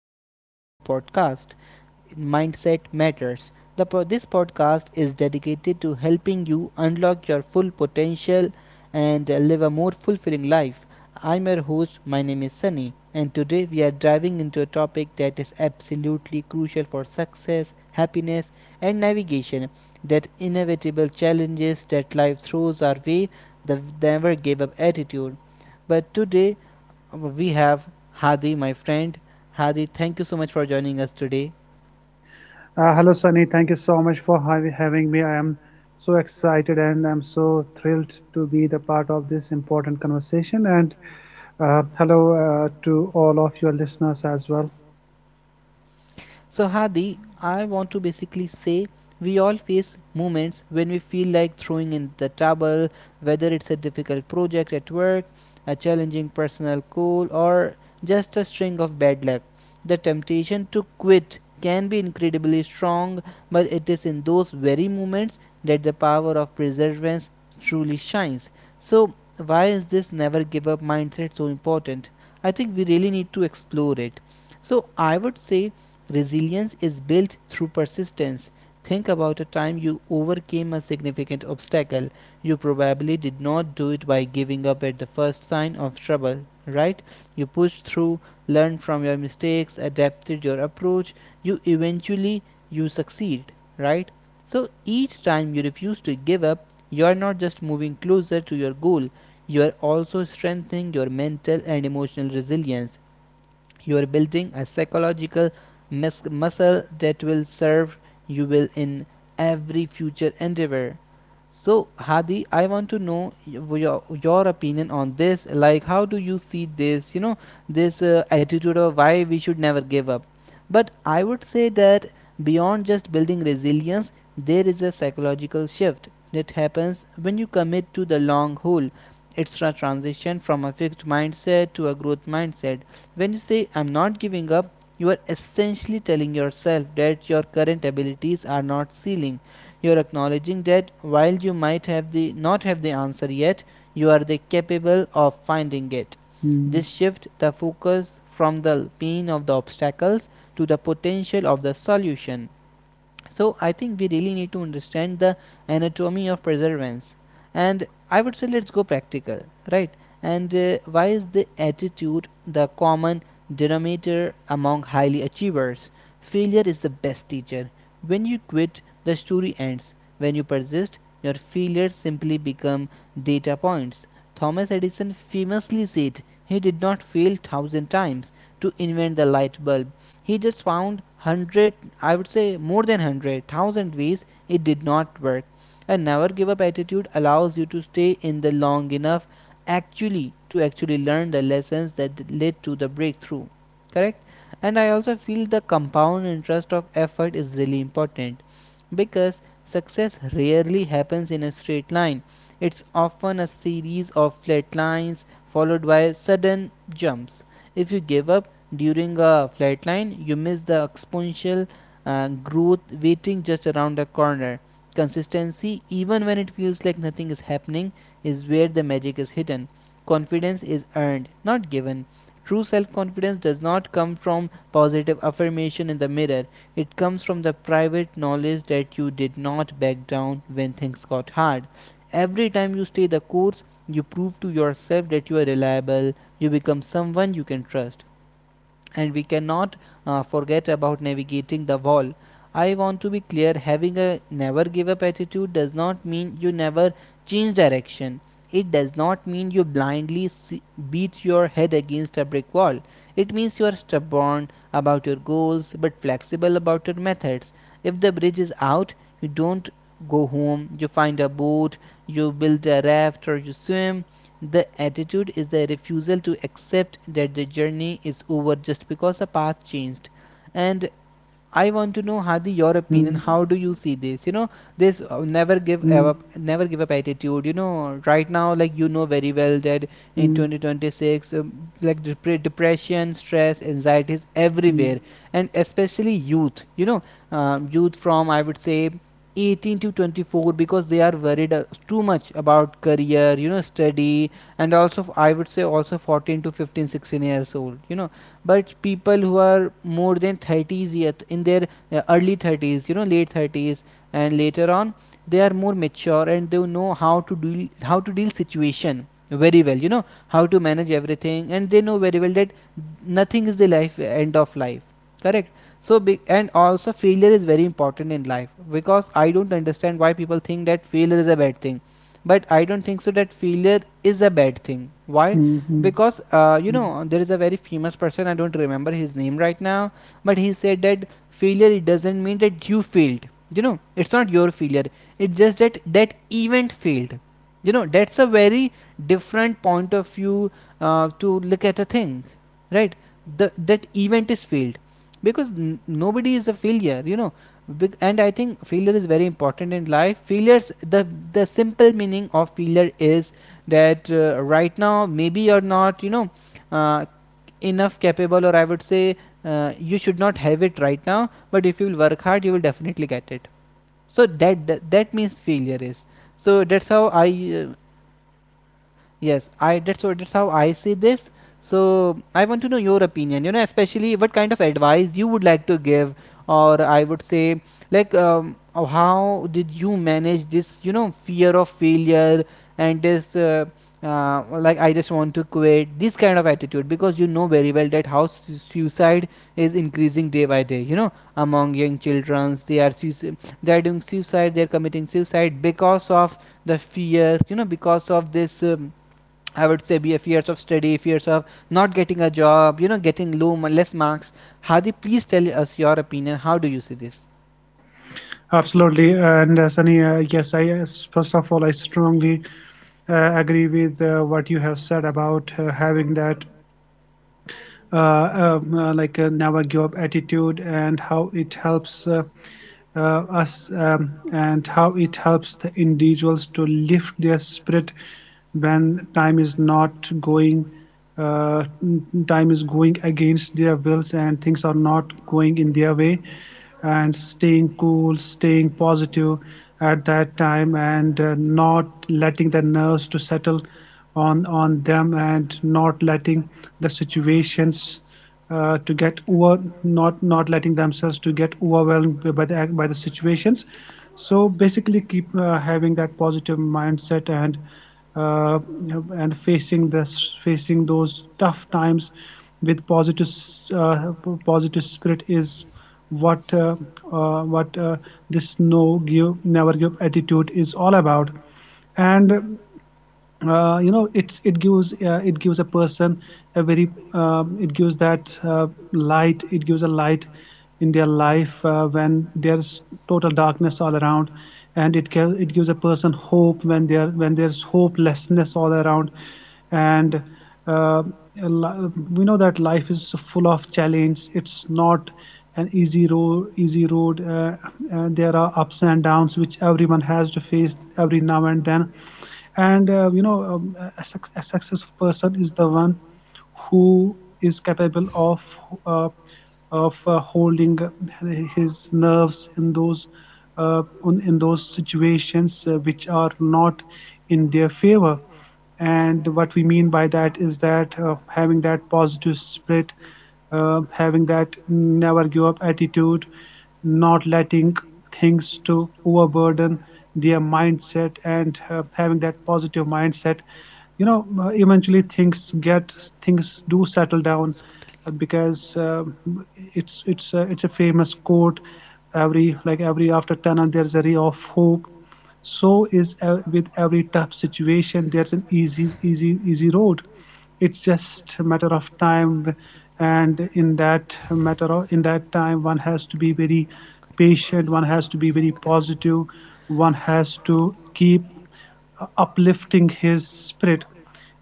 everyone to our new podcast, Mindset Matters. This podcast is dedicated to helping you unlock your full potential and live a more fulfilling life. I'm your host, my name is Sunny, and today we are diving into a topic that is absolutely crucial for success, happiness, and navigation that inevitable challenges that life throws our way, the never give up attitude. But today we have Hadi, my friend. Hadi, thank you so much for joining us today. Hello, Sunny. Thank you so much for having me. I am so excited and I'm so thrilled to be the part of this important conversation. And hello to all of your listeners as well. So, Hadi, I want to basically say we all face moments when we feel like throwing in the towel, whether it's a difficult project at work, a challenging personal goal, or just a string of bad luck. The temptation to quit can be incredibly strong, but it is in those very moments that the power of perseverance truly shines. So, why is this never give up mindset so important? I think we really need to explore it. So I would say resilience is built through persistence. Think about a time you overcame a significant obstacle. You probably did not do it by giving up at the first sign of trouble, right? You pushed through, learned from your mistakes, adapted your approach. You eventually you succeed, right? So each time you refuse to give up, you are not just moving closer to your goal, you are also strengthening your mental and emotional resilience. You are building a psychological muscle that will serve you well in every future endeavor. So, Hadi, I want to know your opinion on this. Like, how do you see this, you know, this attitude of why we should never give up? But I would say that beyond just building resilience, there is a psychological shift that happens when you commit to the long haul. It's a transition from a fixed mindset to a growth mindset. When you say, I'm not giving up, you are essentially telling yourself that your current abilities are not ceiling. You're acknowledging that while you might have the not have the answer yet, you are the capable of finding it. Mm, This shifts the focus from the pain of the obstacles to the potential of the solution. So I think we really need to understand the anatomy of perseverance, and I would say let's go practical, right? And why is the attitude the common denominator among highly achievers. Failure is the best teacher. When you quit, the story ends. When you persist, your failures simply become data points. Thomas Edison famously said he did not fail thousand times to invent the light bulb. He just found hundred, I would say more than 100,000 ways it did not work. A never give up attitude allows you to stay in the long enough actually to actually learn the lessons that led to the breakthrough, correct? And I also feel the compound interest of effort is really important, because success rarely happens in a straight line. It's often a series of flat lines followed by sudden jumps. If you give up during a flat line, you miss the exponential growth waiting just around the corner. Consistency, even when it feels like nothing is happening, is where the magic is hidden. Confidence is earned, not given. True self confidence does not come from positive affirmation in the mirror, it comes from the private knowledge that you did not back down when things got hard. Every time you stay the course, you prove to yourself that you are reliable, you become someone you can trust. And we cannot forget about navigating the wall. I want to be clear, having a never give up attitude does not mean you never change direction. It does not mean you beat your head against a brick wall. It means you are stubborn about your goals but flexible about your methods. If the bridge is out, you don't go home, you find a boat, you build a raft, or you swim. The attitude is the refusal to accept that the journey is over just because the path changed. And I want to know, Hadi, your opinion. mm, How do you see this? You know, this never give mm, up, never give up attitude. You know, right now, like you know very well that in mm, 2026, like depression, stress, anxiety is everywhere, mm, and especially youth. You know, youth from I would say 18 to 24, because they are worried too much about career, you know, study. And also I would say also 14 to 15 16 years old, you know. But people who are more than 30s, yet in their early 30s, you know, late 30s and later on, they are more mature and they know how to deal situation very well, you know, how to manage everything. And they know very well that nothing is the life end of life, correct? So big. And also failure is very important in life, because I don't understand why people think that failure is a bad thing. But I don't think so that failure is a bad thing. Why? mm, mm, Because you mm. know, there is a very famous person, I don't remember his name right now, but he said that failure, it doesn't mean that you failed, you know, it's not your failure, it's just that that event failed. You know, that's a very different point of view to look at a thing, right? The that event is failed, because nobody is a failure, you know. And I think failure is very important in life. Failures, the simple meaning of failure is that right now maybe you're not, you know, uh, enough capable, or I would say you should not have it right now, but if you will work hard, you will definitely get it. So that means failure is. So that's how I uh, yes, I that's what that's how I see this. So I want to know your opinion. You know, especially what kind of advice you would like to give, or I would say, like, how did you manage this? You know, fear of failure and this, like, I just want to quit. This kind of attitude, because you know very well that how suicide is increasing day by day. You know, among young children, they are suicide, they are doing suicide, they are committing suicide because of the fear. You know, because of this. I would say be a fears of study, fears of not getting a job, you know, getting low less marks. Hadi, please tell us your opinion. How do you see this? Absolutely. And Sunny, yes, I yes, first of all, I strongly agree with what you have said about having that uh, like a never give up attitude and how it helps uh, us and how it helps the individuals to lift their spirit when time is not going uh, time is going against their wills and things are not going in their way, and staying cool, staying positive at that time, and not letting the nerves to settle on them, and not letting the situations to get over, not letting themselves to get overwhelmed by the situations. So basically keep having that positive mindset uh, and facing this facing those tough times with positive uh, positive spirit is what uh, what uh, this no give never give attitude is all about. And you know, it gives it gives a person a very it gives that light, it gives a light in their life when there's total darkness all around, and it gives a person hope when there when there's hopelessness all around. And uh, we know that life is full of challenge, it's not an easy road, and there are ups and downs which everyone has to face every now and then. And you know, a successful person is the one who is capable of uh, holding his nerves in those in those situations which are not in their favor. And what we mean by that is that having that positive spirit, having that never give up attitude, not letting things to overburden their mindset, and having that positive mindset, you know, eventually things get, things do settle down because it's a famous quote, every, like every after 10 there's a ray of hope. So is with every tough situation there's an easy, easy road, it's just a matter of time. And in that matter of, in that time one has to be very patient, one has to be very positive, one has to keep uplifting his spirit.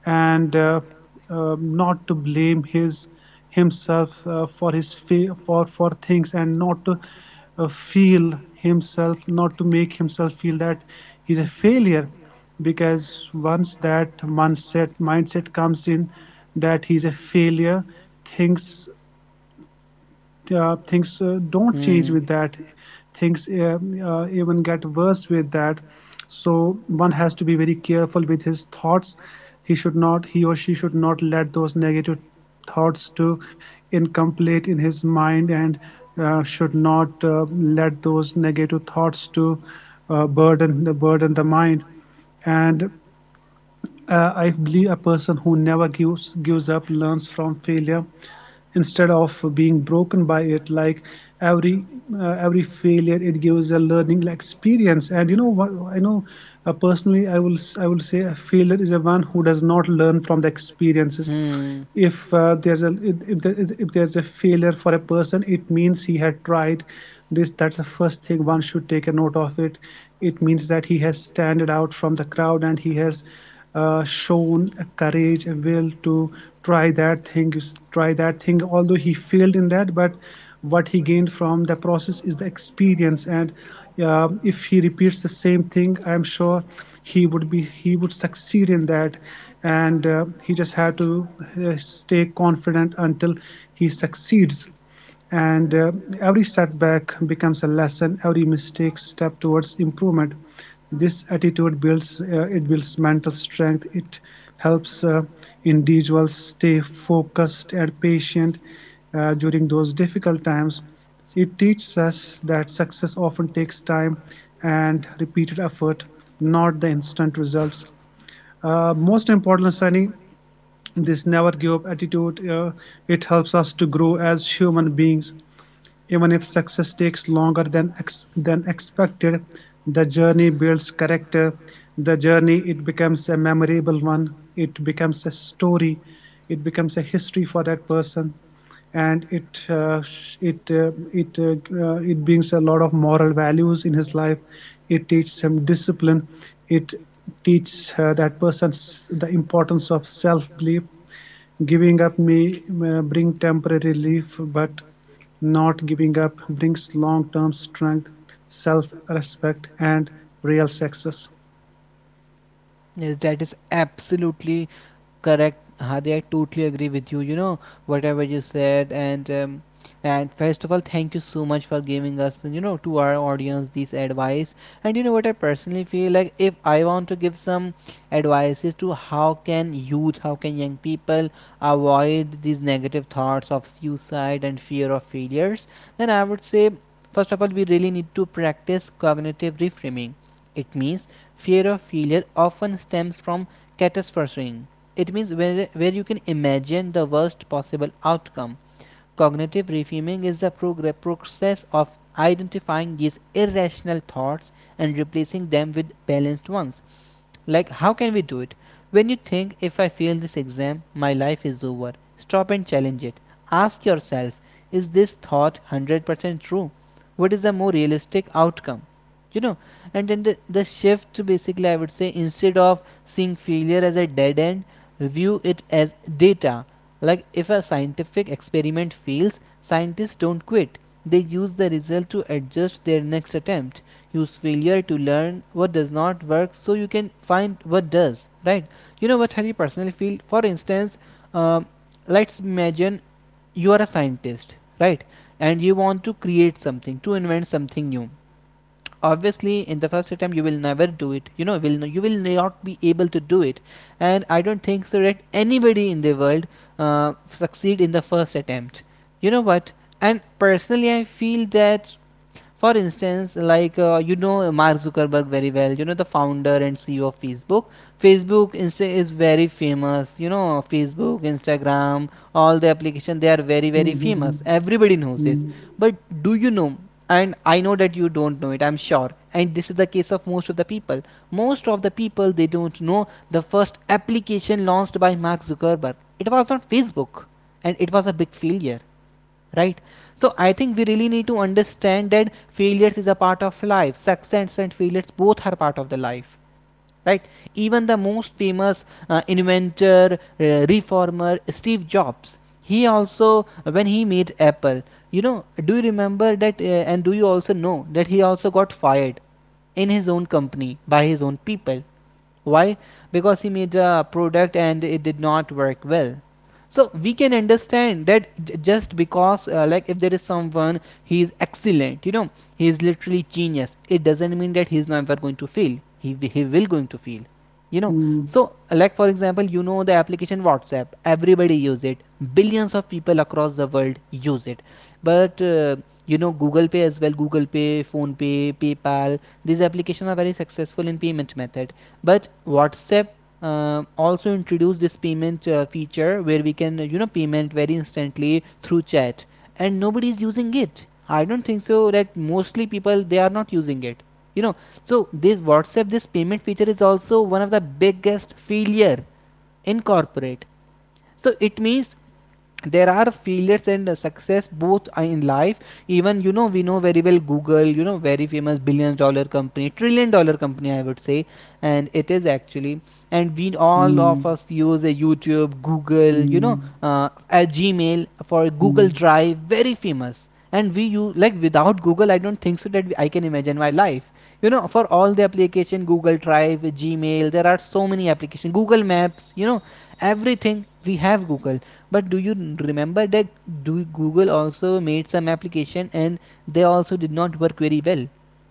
And not to blame his himself for things, and not to feel himself, not to make himself feel that he's a failure. Because once that mindset comes in that he's a failure, things things don't change with that, things even get worse with that. So one has to be very careful with his thoughts. He or she should not let those negative thoughts to incomplete in his mind, and should not let those negative thoughts to burden the mind. And I believe a person who never gives up learns from failure instead of being broken by it. Like every every failure, it gives a learning experience. And you know what? I know personally, I will say a failure is a one who does not learn from the experiences. Hmm. If there's a if there is a failure for a person, it means he had tried this. That's the first thing one should take a note of. It means that he has stood out from the crowd, and he has shown a courage, a will to try that thing, try that thing, although he failed in that. But what he gained from the process is the experience. And if he repeats the same thing, I'm sure he would be, he would succeed in that. And he just had to stay confident until he succeeds. And every setback becomes a lesson, every mistake step towards improvement. This attitude builds it builds mental strength, it helps individuals stay focused and patient during those difficult times. It teaches us that success often takes time and repeated effort, not the instant results. Most important signing this never give up attitude, it helps us to grow as human beings. Even if success takes longer than ex than expected, the journey builds character. The journey, it becomes a memorable one. It becomes a story. It becomes a history for that person. And it brings a lot of moral values in his life. It teaches him discipline. It teaches that person the importance of self belief. Giving up may bring temporary relief, but not giving up brings long-term strength, self-respect, and real success. Yes, that is absolutely correct, Hadi. I totally agree with you. You know whatever you said, and first of all, thank you so much for giving us, you know, to our audience this advice. And you know what, I personally feel like if I want to give some advices to how can youth, how can young people avoid these negative thoughts of suicide and fear of failures, then I would say first of all we really need to practice cognitive reframing. It means fear of failure often stems from catastrophizing. It means where you can imagine the worst possible outcome. Cognitive reframing is the process of identifying these irrational thoughts and replacing them with balanced ones. Like, how can we do it? When you think, if I fail this exam, my life is over, stop and challenge it. Ask yourself, is this thought 100% true? What is the more realistic outcome? you know and then the shift, basically, I would say, instead of seeing failure as a dead end, view it as data. Like, if a scientific experiment fails, scientists don't quit. They use the result to adjust their next attempt. Use failure to learn what does not work so you can find what does, right? What Harry personally feel, for instance. um, let's imagine you are a scientist, right? And you want to create something, to invent something new. Obviously in the first attempt you will never do it, will no, you will not be able to do it. And I don't think so that anybody in the world succeed in the first attempt, you know what. And personally I feel that, for instance, like, you know Mark Zuckerberg very well, you know the founder and CEO of Facebook. Facebook, Insta is very famous, you know, Facebook, Instagram, all the application, they are very very famous, Mm-hmm. everybody knows this. Mm-hmm. But do you know? And I know that you don't know it, I'm sure, and this is the case of most of the people. Most of the people, they don't know the first application launched by Mark Zuckerberg. It was not Facebook, and it was a big failure, right? So I think we really need to understand that failures is a part of life. Success and failures, both are part of the life, right? Even the most famous inventor, reformer Steve Jobs, he also when he made Apple, you know, do you remember that? And do you also know that he also got fired in his own company by his own people? Why? Because he made a product and it did not work well. So we can understand that just because, like, if there is someone, he is excellent, you know, he is literally genius, it doesn't mean that he is never going to fail. He will going to fail, you know. So, like, for example, you know the application WhatsApp, everybody use it, billions of people across the world use it. But you know Google Pay as well, Google Pay, Phone Pay, PayPal, these applications are very successful in payment method. But WhatsApp also introduced this payment feature where we can, you know, payment very instantly through chat, and nobody is using it. I don't think so that mostly people, they are not using it, you know. So this WhatsApp, this payment feature is also one of the biggest failure in corporate. So it means there are failures and success both in life. Even, you know, we know very well Google, you know, very famous billion dollar company, trillion dollar company, I would say. And it is actually, and we all of Mm-hmm. us use a YouTube, Google, you know, a Gmail for Google Drive, very famous. And we you like without Google I don't think so that I can imagine my life, you know, for all the application Google Drive, Gmail, there are so many application Google Maps, you know, everything we have Google. But do you remember that? Do Google also made some application and they also did not work very well?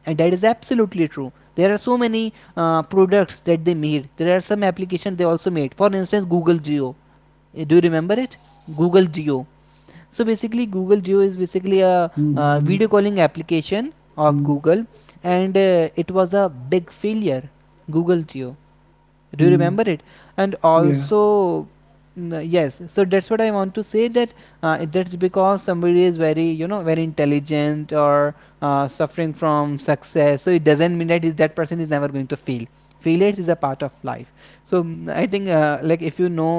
And that is absolutely true, there are so many products that they made. There are some applications they also made, for instance Google Geo. Do you remember it? Google Geo. So basically Google Duo is basically a Mm-hmm. video calling application of Google, and it was a big failure, Google Duo, do you remember Mm-hmm. it? And Yeah. also yes, so that's what I want to say, that that's because somebody is very, you know, very intelligent or suffering from success, so it doesn't mean that is that person is never going to fail. Failures is a part of life. So I think, like, if you know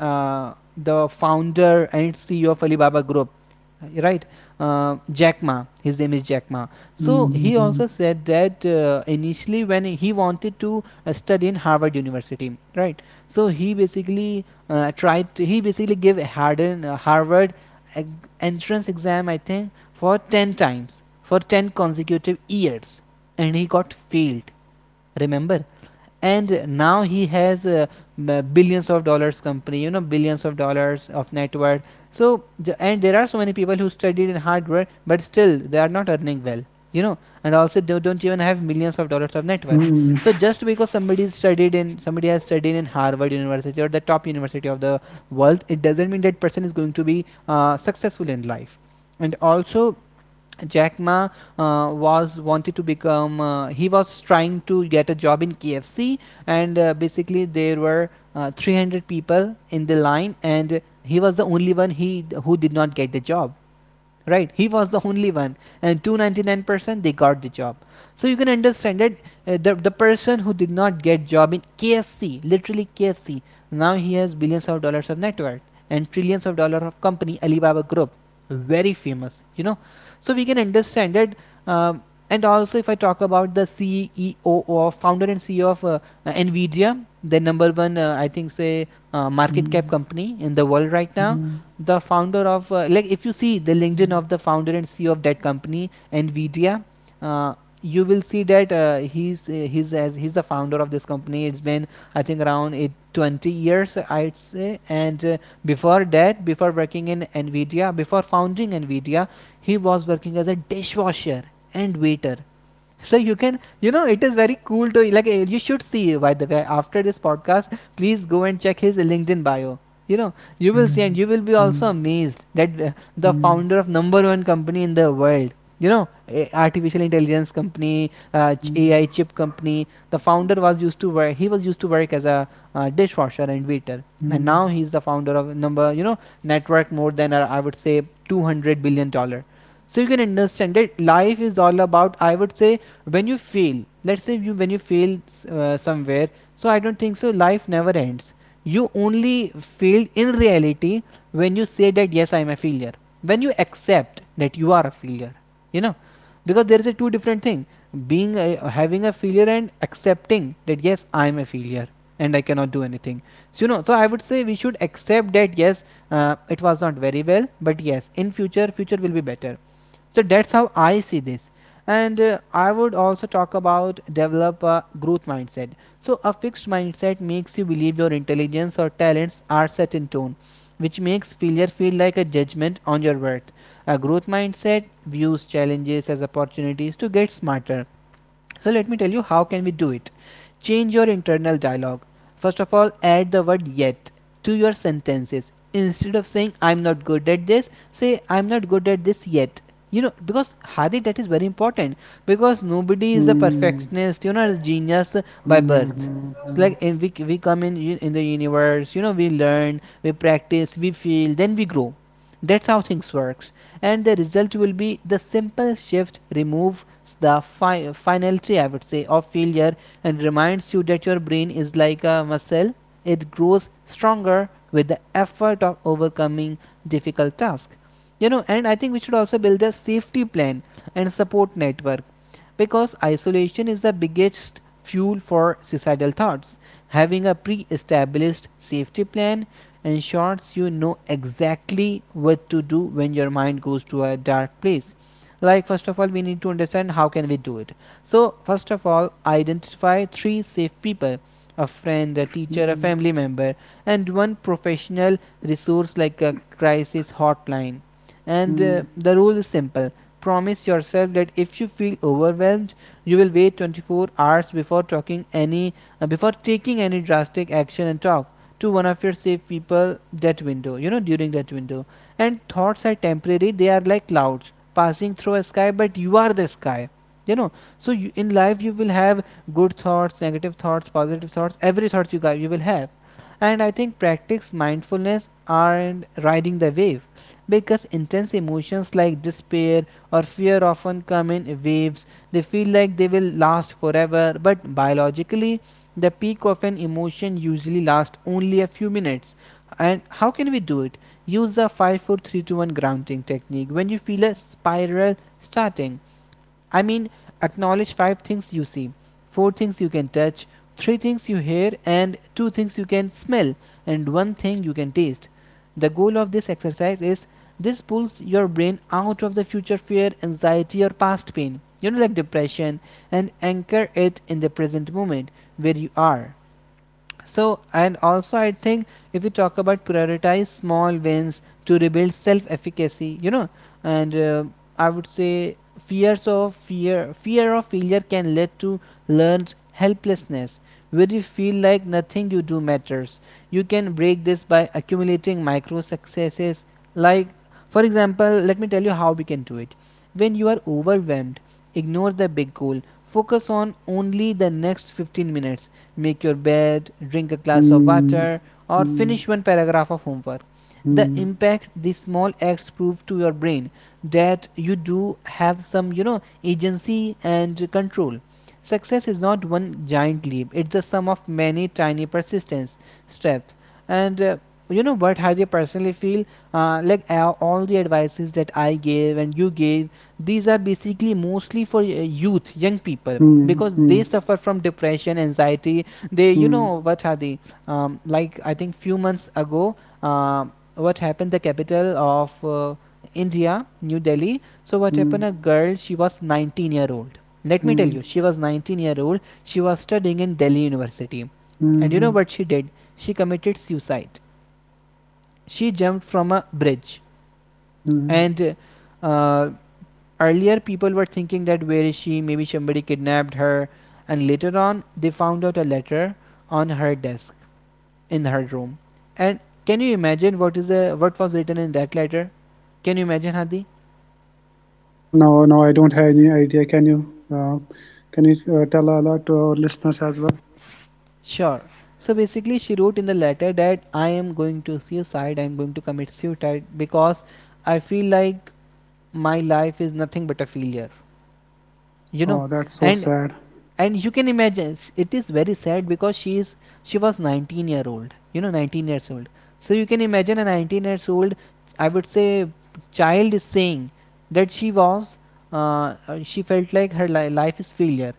uh, the founder and CEO of Alibaba Group, right, Jack Ma, his name is Jack Ma. So he also Mm-hmm. said that initially when he wanted to study in Harvard University, right? So he basically he basically gave Harvard entrance exam, I think, for 10 times, for 10 consecutive years, and he got failed, remember. And now he has billions of dollars company, you know, billions of dollars of net worth. So, and there are so many people who studied in hardware but still they are not earning well, you know, and also they don't even have millions of dollars of net worth. Mm-hmm. So just because somebody studied in, somebody has studied in Harvard University or the top university of the world, it doesn't mean that person is going to be successful in life. And also Jack Ma was wanted to become, he was trying to get a job in KFC, and basically there were 300 people in the line and he was the only one, he who did not get the job. Right, he was the only one, and 299% they got the job. So you can understand that the person who did not get job in KFC, literally KFC, now he has billions of dollars of net worth and trillions of dollar of company, Alibaba Group, very famous, you know. So we can understand that. um, and also, if I talk about the CEO or founder and CEO of Nvidia, the number one, I think, say, market cap Mm-hmm. company in the world right now, Mm-hmm. the founder of, like, if you see the LinkedIn of the founder and CEO of that company, Nvidia, uh, you will see that he's as he's the founder of this company. It's been, I think, around eight, 20 years, I'd say. And before that, before working in Nvidia, before founding Nvidia, he was working as a dishwasher and waiter. So you can, you know, it is very cool to, like, you should see, by the way, after this podcast, please go and check his LinkedIn bio, you know. You will see and Mm-hmm. you will be also amazed that the founder of number one company in the world, you know, artificial intelligence company, AI chip company, the founder was used to work, he was used to work as a dishwasher and waiter, and now he's the founder of number, you know, network more than, I would say, 200 billion dollar. So you can understand that life is all about, I would say, when you fail, let's say you, when you fail somewhere, so I don't think so, life never ends. You only failed in reality when you say that yes, I am a failure, when you accept that you are a failure, you know. Because there is a two different thing, having a failure and accepting that yes, I am a failure and I cannot do anything. So you know, so I would say we should accept that yes, it was not very well, but yes, in future, future will be better. So that's how I see this. And I would also talk about develop a growth mindset. So a fixed mindset makes you believe your intelligence or talents are set in stone, which makes failure feel like a judgment on your worth. A growth mindset views challenges as opportunities to get smarter. So let me tell you how can we do it. Change your internal dialogue. First of all, add the word yet to your sentences. Instead of saying I'm not good at this, say I'm not good at this yet. You know, because Hadi, that is very important, because nobody is a perfectionist, you know, a genius by birth. It's Mm-hmm. like we come in the universe, you know, we learn, we practice, we feel, then we grow. That's how things works. And the result will be the simple shift removes the finality, I would say, of failure, and reminds you that your brain is like a muscle. It grows stronger with the effort of overcoming difficult task, you know. And I think we should also build a safety plan and support network, because isolation is the biggest fuel for suicidal thoughts. Having a pre-established safety plan ensures you know exactly what to do when your mind goes to a dark place. Like, first of all, we need to understand how can we do it. So first of all, identify three safe people: a friend, a teacher, a family member, and one professional resource like a crisis hotline. And the rule is simple: promise yourself that if you feel overwhelmed, you will wait 24 hours before talking any, before taking any drastic action, and talk to one of your safe people. That window, you know, during that window. And thoughts are temporary, they are like clouds passing through a sky, but you are the sky, you know. So you, in life you will have good thoughts, negative thoughts, positive thoughts, every thought you got, you will have. And I think practice mindfulness and riding the wave, because intense emotions like despair or fear often come in waves. They feel like they will last forever, but biologically the peak of an emotion usually lasts only a few minutes. And how can we do it? Use the 5-4-3-2-1 grounding technique when you feel a spiral starting. I mean, acknowledge five things you see, four things you can touch, three things you hear, and two things you can smell, and one thing you can taste. The goal of this exercise is this pulls your brain out of the future fear, anxiety, or past pain, you know, like depression, and anchor it in the present moment where you are. So and also I think if we talk about prioritize small wins to rebuild self efficacy, you know. And I would say fears of fear of failure can lead to learned helplessness where you feel like nothing you do matters. You can break this by accumulating micro successes, like for example, let me tell you how we can do it. When you are overwhelmed, ignore the big goal. Focus on only the next 15 minutes. Make your bed, drink a glass of Mm-hmm. water, or Mm-hmm. finish one paragraph of homework. The Mm, impact, these small acts prove to your brain that you do have some, you know, agency and control. Success is not one giant leap, it's the sum of many tiny persistence steps. And you know what, how they personally feel. All the advices that I gave and you gave, these are basically mostly for youth, young people, mm, because mm, they suffer from depression, anxiety. They, you know, mm, what are they. Like I think few months ago, what happened, the capital of India, New Delhi. So what happened, mm, a girl, she was 19-year old. Let me tell mm, you, she was 19-year old, she was studying in Delhi University. And you know mm, what she did? She committed suicide. She jumped from a bridge. mm. And uh, earlier people were thinking that where is she, maybe somebody kidnapped her. And later on they found out a letter on her desk in her room. And can you imagine what is the what was written in that letter? Can you imagine, Hadi? No, no, I don't have any idea. Can you tell a lot to our listeners as well? Sure. So basically, she wrote in the letter that I am going to suicide. I am going to commit suicide because I feel like my life is nothing but a failure. You know, Oh, that's so and sad. You can imagine, it is very sad because she was 19-year old, you know, 19 years old. So you can imagine, a 19 years old, I would say, child is saying that she was she felt like her life is failure.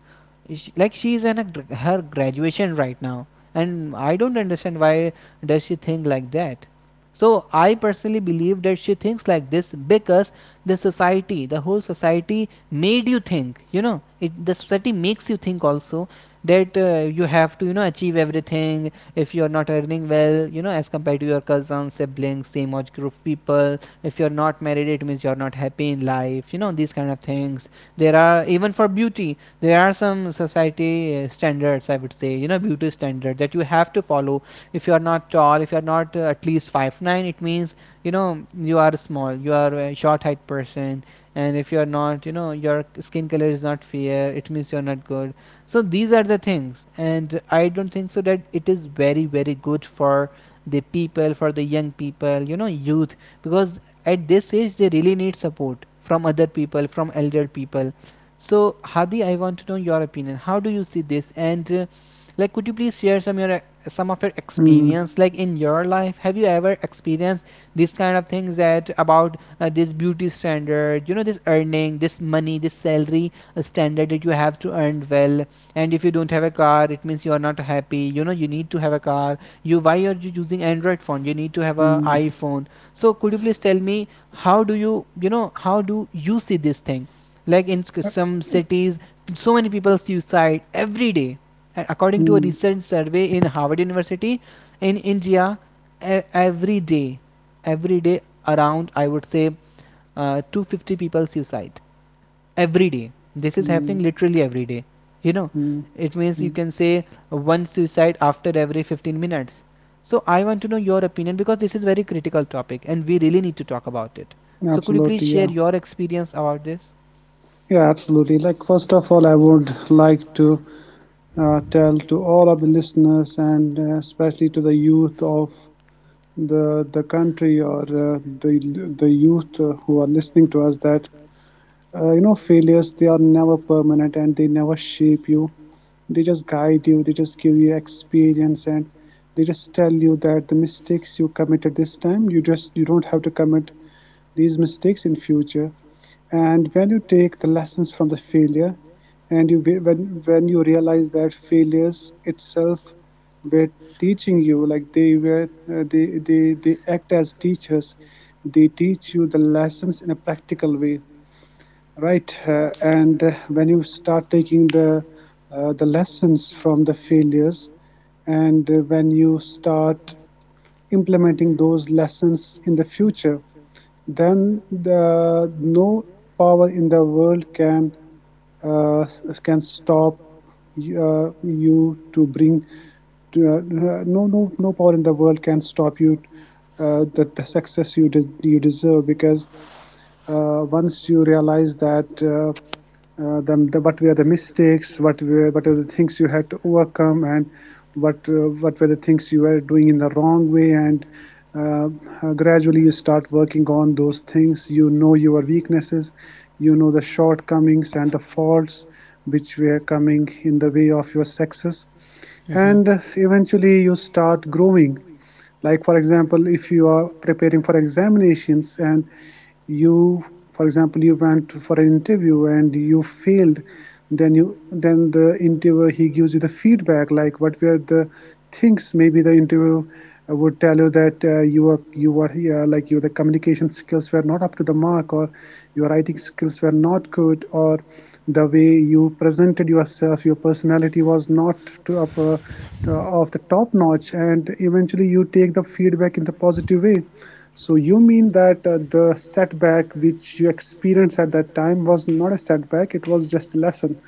Like she is in a, her graduation right now, and I don't understand why does she think like that. So I personally believe that she thinks like this because the society, the whole society made you think, you know it, the society makes you think also that you have to, you know, achieve everything. If you are not earning well, you know, as compared to your cousins, siblings, same age group people. If you're not married, it means you're not happy in life, you know, these kind of things. There are even for beauty, there are some society standards, I would say, you know, you know, beauty standard that you have to follow. If you are not tall, if you are not at least 5'9", it means, you know, you are small, you are a short height person. And if you are not, you know, your skin color is not fair, it means you are not good. So these are the things, and I don't think so that it is very very good for the people, for the young people, you know, youth. Because at this age they really need support from other people, from elder people. So, Hadi, I want to know your opinion. How do you see this? And like, could you please share some your some of your Mm, experience? Like in your life, have you ever experienced these kind of things that about this beauty standard? You know, this earning, this money, this salary standard that you have to earn well. And if you don't have a car, it means you are not happy. You know, you need to have a car. You why are you using Android phone? You need to have a mm, iPhone. So, could you please tell me how do you, you know, how do you see this thing? Like in some cities so many people suicide every day. And according to a mm, recent survey in Harvard University, in India, every day, every day, around, I would say, 250 people suicide every day. This is happening mm, literally every day, you know. mm, It means you mm. can say one suicide after every 15 minutes. So I want to know your opinion because this is very critical topic and we really need to talk about it. So could you please Absolutely, yeah, share your experience about this? yeah, absolutely. Like first of all, I would like to tell to all of the listeners, and especially to the youth of the country, or the youth who are listening to us, that you know, failures, they are never permanent, and they never shape you, they just guide you, they just give you experience. And they just tell you that the mistakes you committed this time, you just, you don't have to commit these mistakes in future. And when you take the lessons from the failure, and you, when you realize that failures itself were teaching you, like they were they act as teachers, they teach you the lessons in a practical way. Right. And when you start taking the lessons from the failures, and when you start implementing those lessons in the future, then the no power in the world uh, can stop you to bring to, uh, no power in the world can stop you the success you you deserve. Because once you realize that the what were the mistakes, what were, what are the things you had to overcome, and what were the things you were doing in the wrong way, and uh, gradually you start working on those things. You know your weaknesses, you know the shortcomings and the faults which were coming in the way of your success, Mm-hmm. and eventually you start growing. Like for example, if you are preparing for examinations, and you for example you went for an interview and you failed, then you, then the interviewer, he gives you the feedback, like what were the things. Maybe the interviewer would tell you that you were here, like your, the communication skills were not up to the mark, or your writing skills were not good, or the way you presented yourself, your personality was not to up uh, of the top notch, and eventually you take the feedback in the positive way. So you mean that the setback which you experienced at that time was not a setback, it was just a lesson.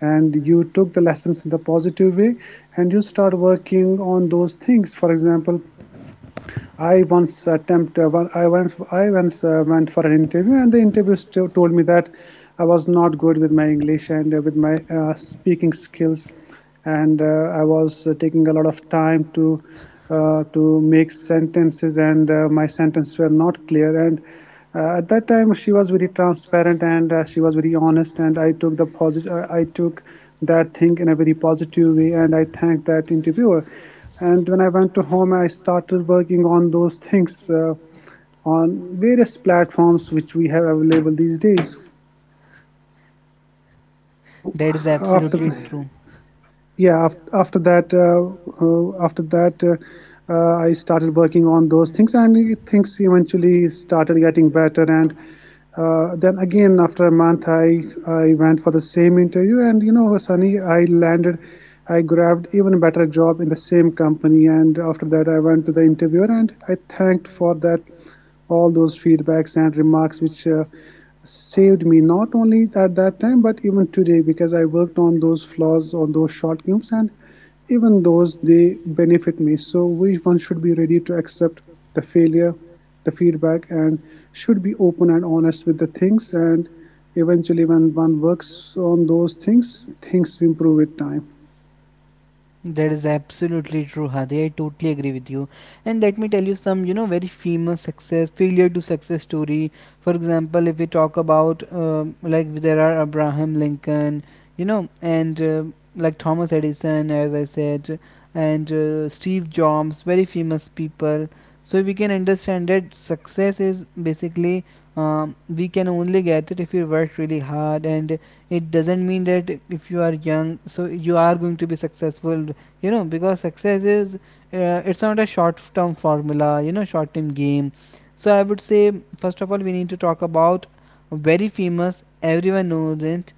And you took the lessons in the positive way, and you start working on those things. For example, I once attempted, well, I once went for an interview, and the interview told me that I was not good with my English, and with my speaking skills, and I was taking a lot of time to make sentences, and my sentences were not clear, and at that time, she was very transparent, and she was very honest, and I took the positive. I took that thing in a very positive way, and I thanked that interviewer. And when I went to home, I started working on those things on various platforms which we have available these days. So That is after absolutely true. yeah af- after that I started working on those things, and things eventually started getting better. And then again after a month, I went for the same interview, and you know, Sunny, I grabbed even better job in the same company. And after that, I went to the interviewer, and I thanked for that all those feedbacks and remarks which saved me not only at that time but even today, because I worked on those flaws, on those shortcomings, and even those they benefit me. So we, one should be ready to accept the failure, the feedback, and should be open and honest with the things, and eventually when one works on those things, things improve with time. That is absolutely true, Hadi. I totally agree with you. And let me tell you some, you know, very famous success, failure to success story. For example, if we talk about like there are Abraham Lincoln, you know, and like Thomas Edison, as I said, and Steve Jobs, very famous people. So we can understand that success is basically, we can only get it if you work really hard. And it doesn't mean that if you are young so you are going to be successful, you know, because success is it's not a short term formula, you know, short term game. So I would say first of all we need to talk about, very famous, everyone knows it,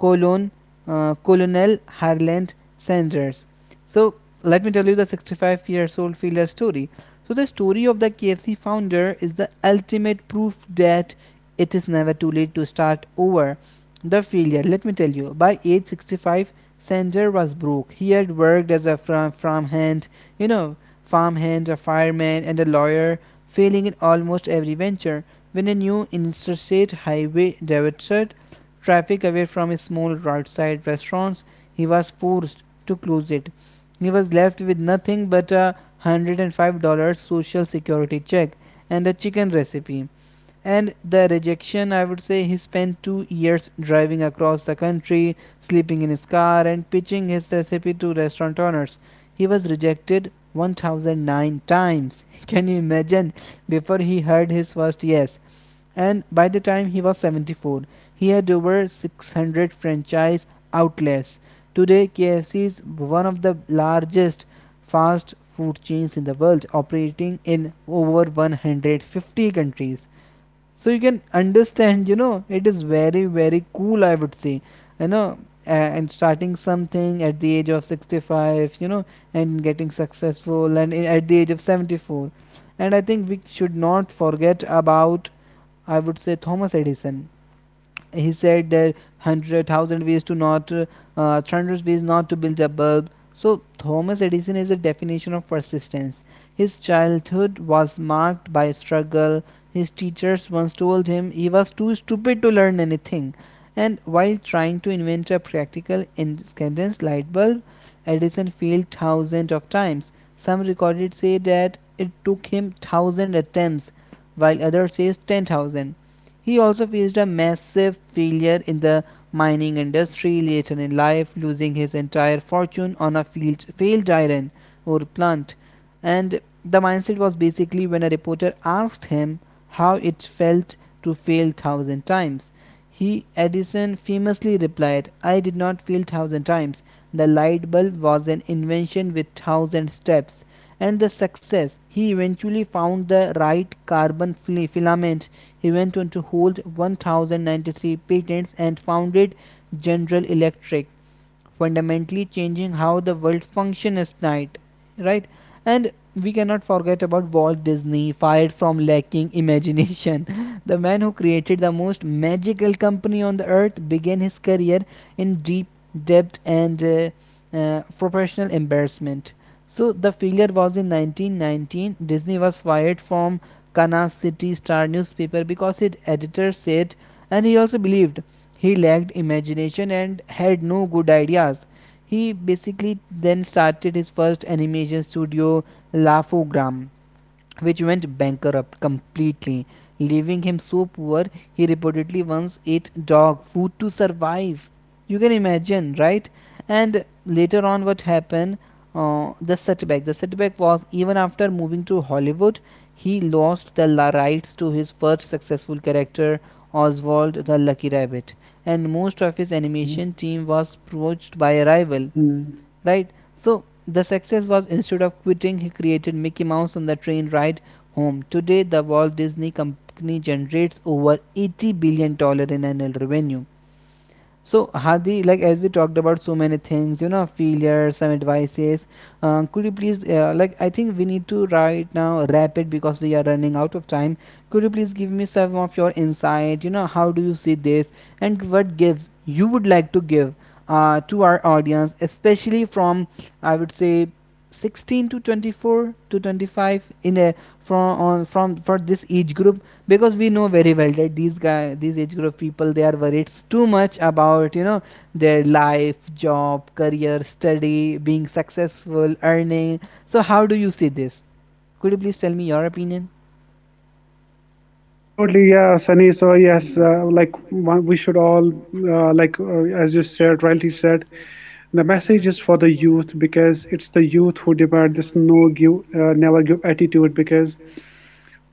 colon Colonel Harland Sanders. So let me tell you the 65 years old failure story. So the story of the KFC founder is the ultimate proof that it is never too late to start over. The failure, let me tell you, by age 65, Sanger was broke. He had worked as a farmhand, you know, farmhand, a fireman, and a lawyer, failing in almost every venture. When a new interstate highway diverted traffic away from his small roadside restaurants, he was forced to close it. He was left with nothing but $105 social security check and a chicken recipe and the rejection. I would say he spent 2 years driving across the country, sleeping in his car, and pitching his recipe to restaurant owners. He was rejected 1009 times. Can you imagine, before he heard his first yes? And by the time he was 74, he had over 600 franchise outlets. Today KFC is one of the largest fast food chains in the world, operating in over 150 countries. So you can understand, you know, it is very very cool, I would say, you know, and starting something at the age of 65, you know, and getting successful at the age of 74. And I think we should not forget about, I would say, Thomas Edison. He said that 100,000 ways to not hundred ways not to build a bulb. So Thomas Edison is a definition of persistence. His childhood was marked by struggle. His teachers once told him he was too stupid to learn anything. And while trying to invent a practical incandescent light bulb, Edison failed thousands of times. Some recorded say that it took him thousand attempts, while others say 10,000. He also faced a massive failure in the mining industry later in life, losing his entire fortune on a field, failed iron ore plant. And the mindset was basically when a reporter asked him how it felt to fail thousand times. He, Edison famously replied, I did not fail thousand times. The light bulb was an invention with thousand steps. And the success, he eventually found the right carbon filament. He went on to hold 1093 patents and founded General Electric, fundamentally changing how the world functions at night, right? And we cannot forget about Walt Disney, fired from lacking imagination. The man who created the most magical company on the earth began his career in deep debt and professional embarrassment. So the failure was in 1919. Disney was fired from Kansas City Star newspaper because its editor said, and he also believed, he lacked imagination and had no good ideas. He basically then started his first animation studio, Laugh-O-Gram, which went bankrupt completely, leaving him so poor he reportedly once ate dog food to survive. You can imagine, right? And later on, what happened? The setback. The setback was, even after moving to Hollywood, he lost the rights to his first successful character, Oswald the Lucky Rabbit, and most of his Mhm. animation team was poached by a rival, right? So the success was, instead of quitting, he created Mickey Mouse on the train ride home. Today, the Walt Disney Company generates over 80 billion dollars in annual revenue. So, Hadi, like as we talked about so many things, you know, failure, some advices. Could you please, like, I think we need to right now wrap it because we are running out of time. Could you please give me some of your insight? You know, how do you see this, and what gives you would like to give to our audience, especially from, I would say, 16 to 24 to 25, in a from on from for this age group. Because we know very well that these guy these age group people, they are worried too much about, you know, their life, job, career, study, being successful, earning. So how do you see this? Could you please tell me your opinion? Absolutely, yeah, Sunny. So yes, like we should all, like as you said, rightly said, the message is for the youth, because it's the youth who demand this never give attitude. Because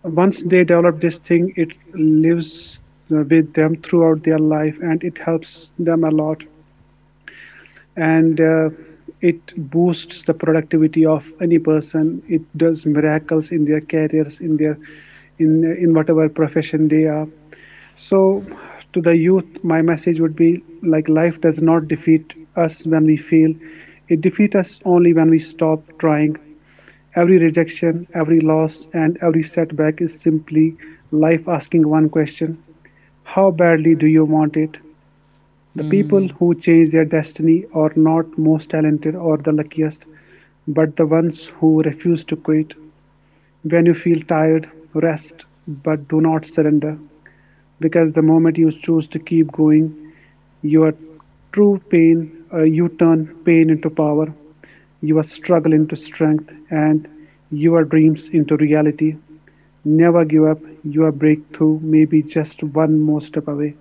once they develop this thing, it lives with them throughout their life, and it helps them a lot. And it boosts the productivity of any person. It does miracles in their careers, in their, in whatever profession they are. So, to the youth, my message would be like life does not defeat us when we fail, it defeats us only when we stop trying. Every rejection, every loss, and every setback is simply life asking one question. How badly do you want it? The people Hmm. who change their destiny are not most talented or the luckiest, but the ones who refuse to quit. When you feel tired, rest, but do not surrender, because the moment you choose to keep going, your you turn pain into power, your struggle into strength, and your dreams into reality. Never give up. Your breakthrough may be just one more step away.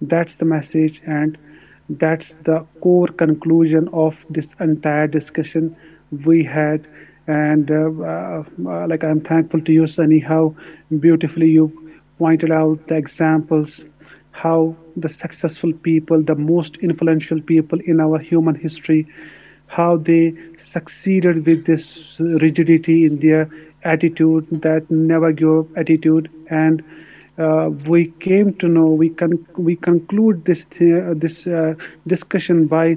That's the message, and that's the core conclusion of this entire discussion we had. And like I'm thankful to you, Sunny, how beautifully you pointed out the examples, how the successful people, the most influential people in our human history, how they succeeded with this rigidity in their attitude, that never give up attitude. And we came to know, we conclude this the, this discussion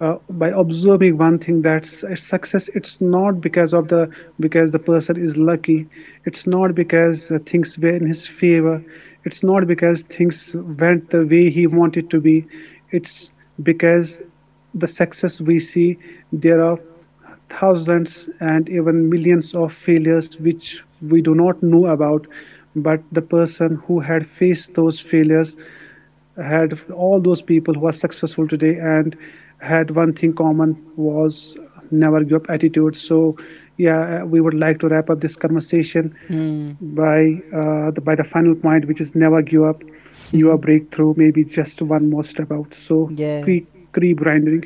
by observing one thing, that success, it's not because of the, because the person is lucky, it's not because things were in his favor, it's not because things went the way he wanted to be, it's because the success we see, there are thousands and even millions of failures which we do not know about, but the person who had faced those failures, had all those people who are successful today, and had one thing common was never give up attitude. So yeah, we would like to wrap up this conversation by by the final point which is never give up. Your Hmm. breakthrough maybe just one more step out. So Yeah. keep, keep grinding.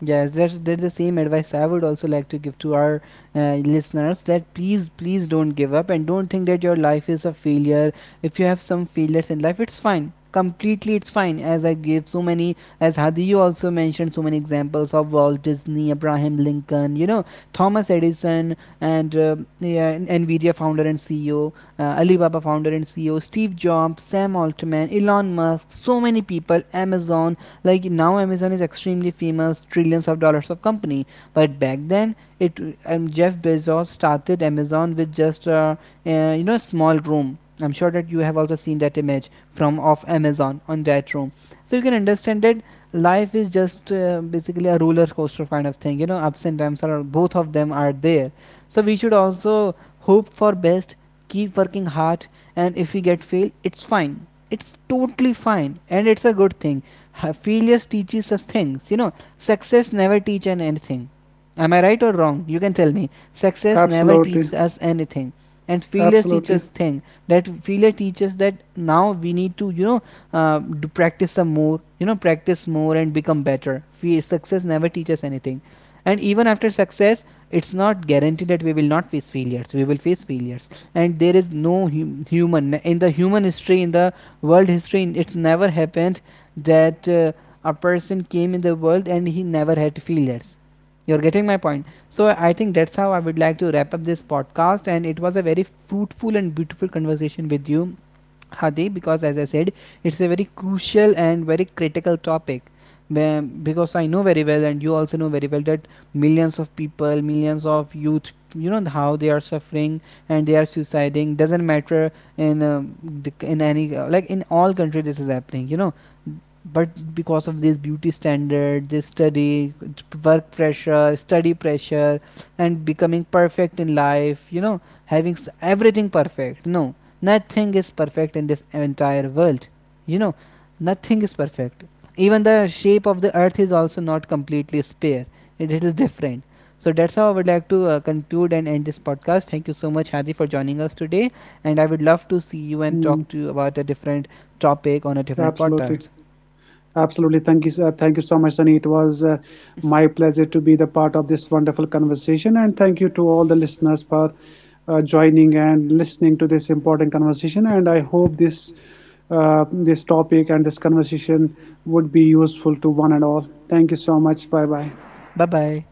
Yes, that's the same advice I would also like to give to our listeners that please, please don't give up and don't think that your life is a failure. If you have some failures in life, it's fine. Completely, it's fine. As I gave so many, as Hadi, you also mentioned so many examples of Walt Disney, Abraham Lincoln, you know, Thomas Edison and yeah, Nvidia founder and CEO, Alibaba founder and CEO, Steve Jobs, Sam Altman, Elon Musk, so many people, Amazon. Like now, Amazon is extremely famous, trillions of dollars of company. But back then, it, Jeff Bezos started Amazon with just you know, small room. I'm sure that you have also seen that image from of Amazon on that room. So you can understand that life is just basically a roller coaster kind of thing, you know, ups and downs, are both of them are there. So we should also hope for best, keep working hard. And if we get fail, it's fine. It's totally fine and it's a good thing. Failures teaches us things, you know. Success never teach an anything. Am I right or wrong? You can tell me. Success never Absolutely. teaches us anything. And failure Absolutely. teaches thing. That failure teaches that now we need to, you know, do practice some more, you know, practice more and become better. Fe success never teaches anything. And even after success, it's not guaranteed that we will not face failures. We will face failures. And there is no human in the human history, in the world history, it's never happened that a person came in the world and he never had failures. You're getting my point. So I think that's how I would like to wrap up this podcast, and it was a very fruitful and beautiful conversation with you, Hadi, because as I said, it's a very crucial and very critical topic. Because I know very well, and you also know very well, that millions of people, millions of youth, you know how they are suffering and they are suiciding. Doesn't matter in um, in any like in all country this is happening. You know, but because of this beauty standard, this study, work pressure, study pressure, and becoming perfect in life, you know, having everything perfect. No, nothing is perfect in this entire world. You know, nothing is perfect. Even the shape of the earth is also not completely spare, it is different. So that's how I would like to conclude and end this podcast. Thank you so much, Hadi, for joining us today. And I would love to see you and Hmm. talk to you about a different topic on a different Absolutely. podcast. Absolutely. Thank you. Thank you so much, Sunny. It was my pleasure to be the part of this wonderful conversation. And thank you to all the listeners for joining and listening to this important conversation. And I hope this this topic and this conversation would be useful to one and all. Thank you so much. Bye bye. Bye bye.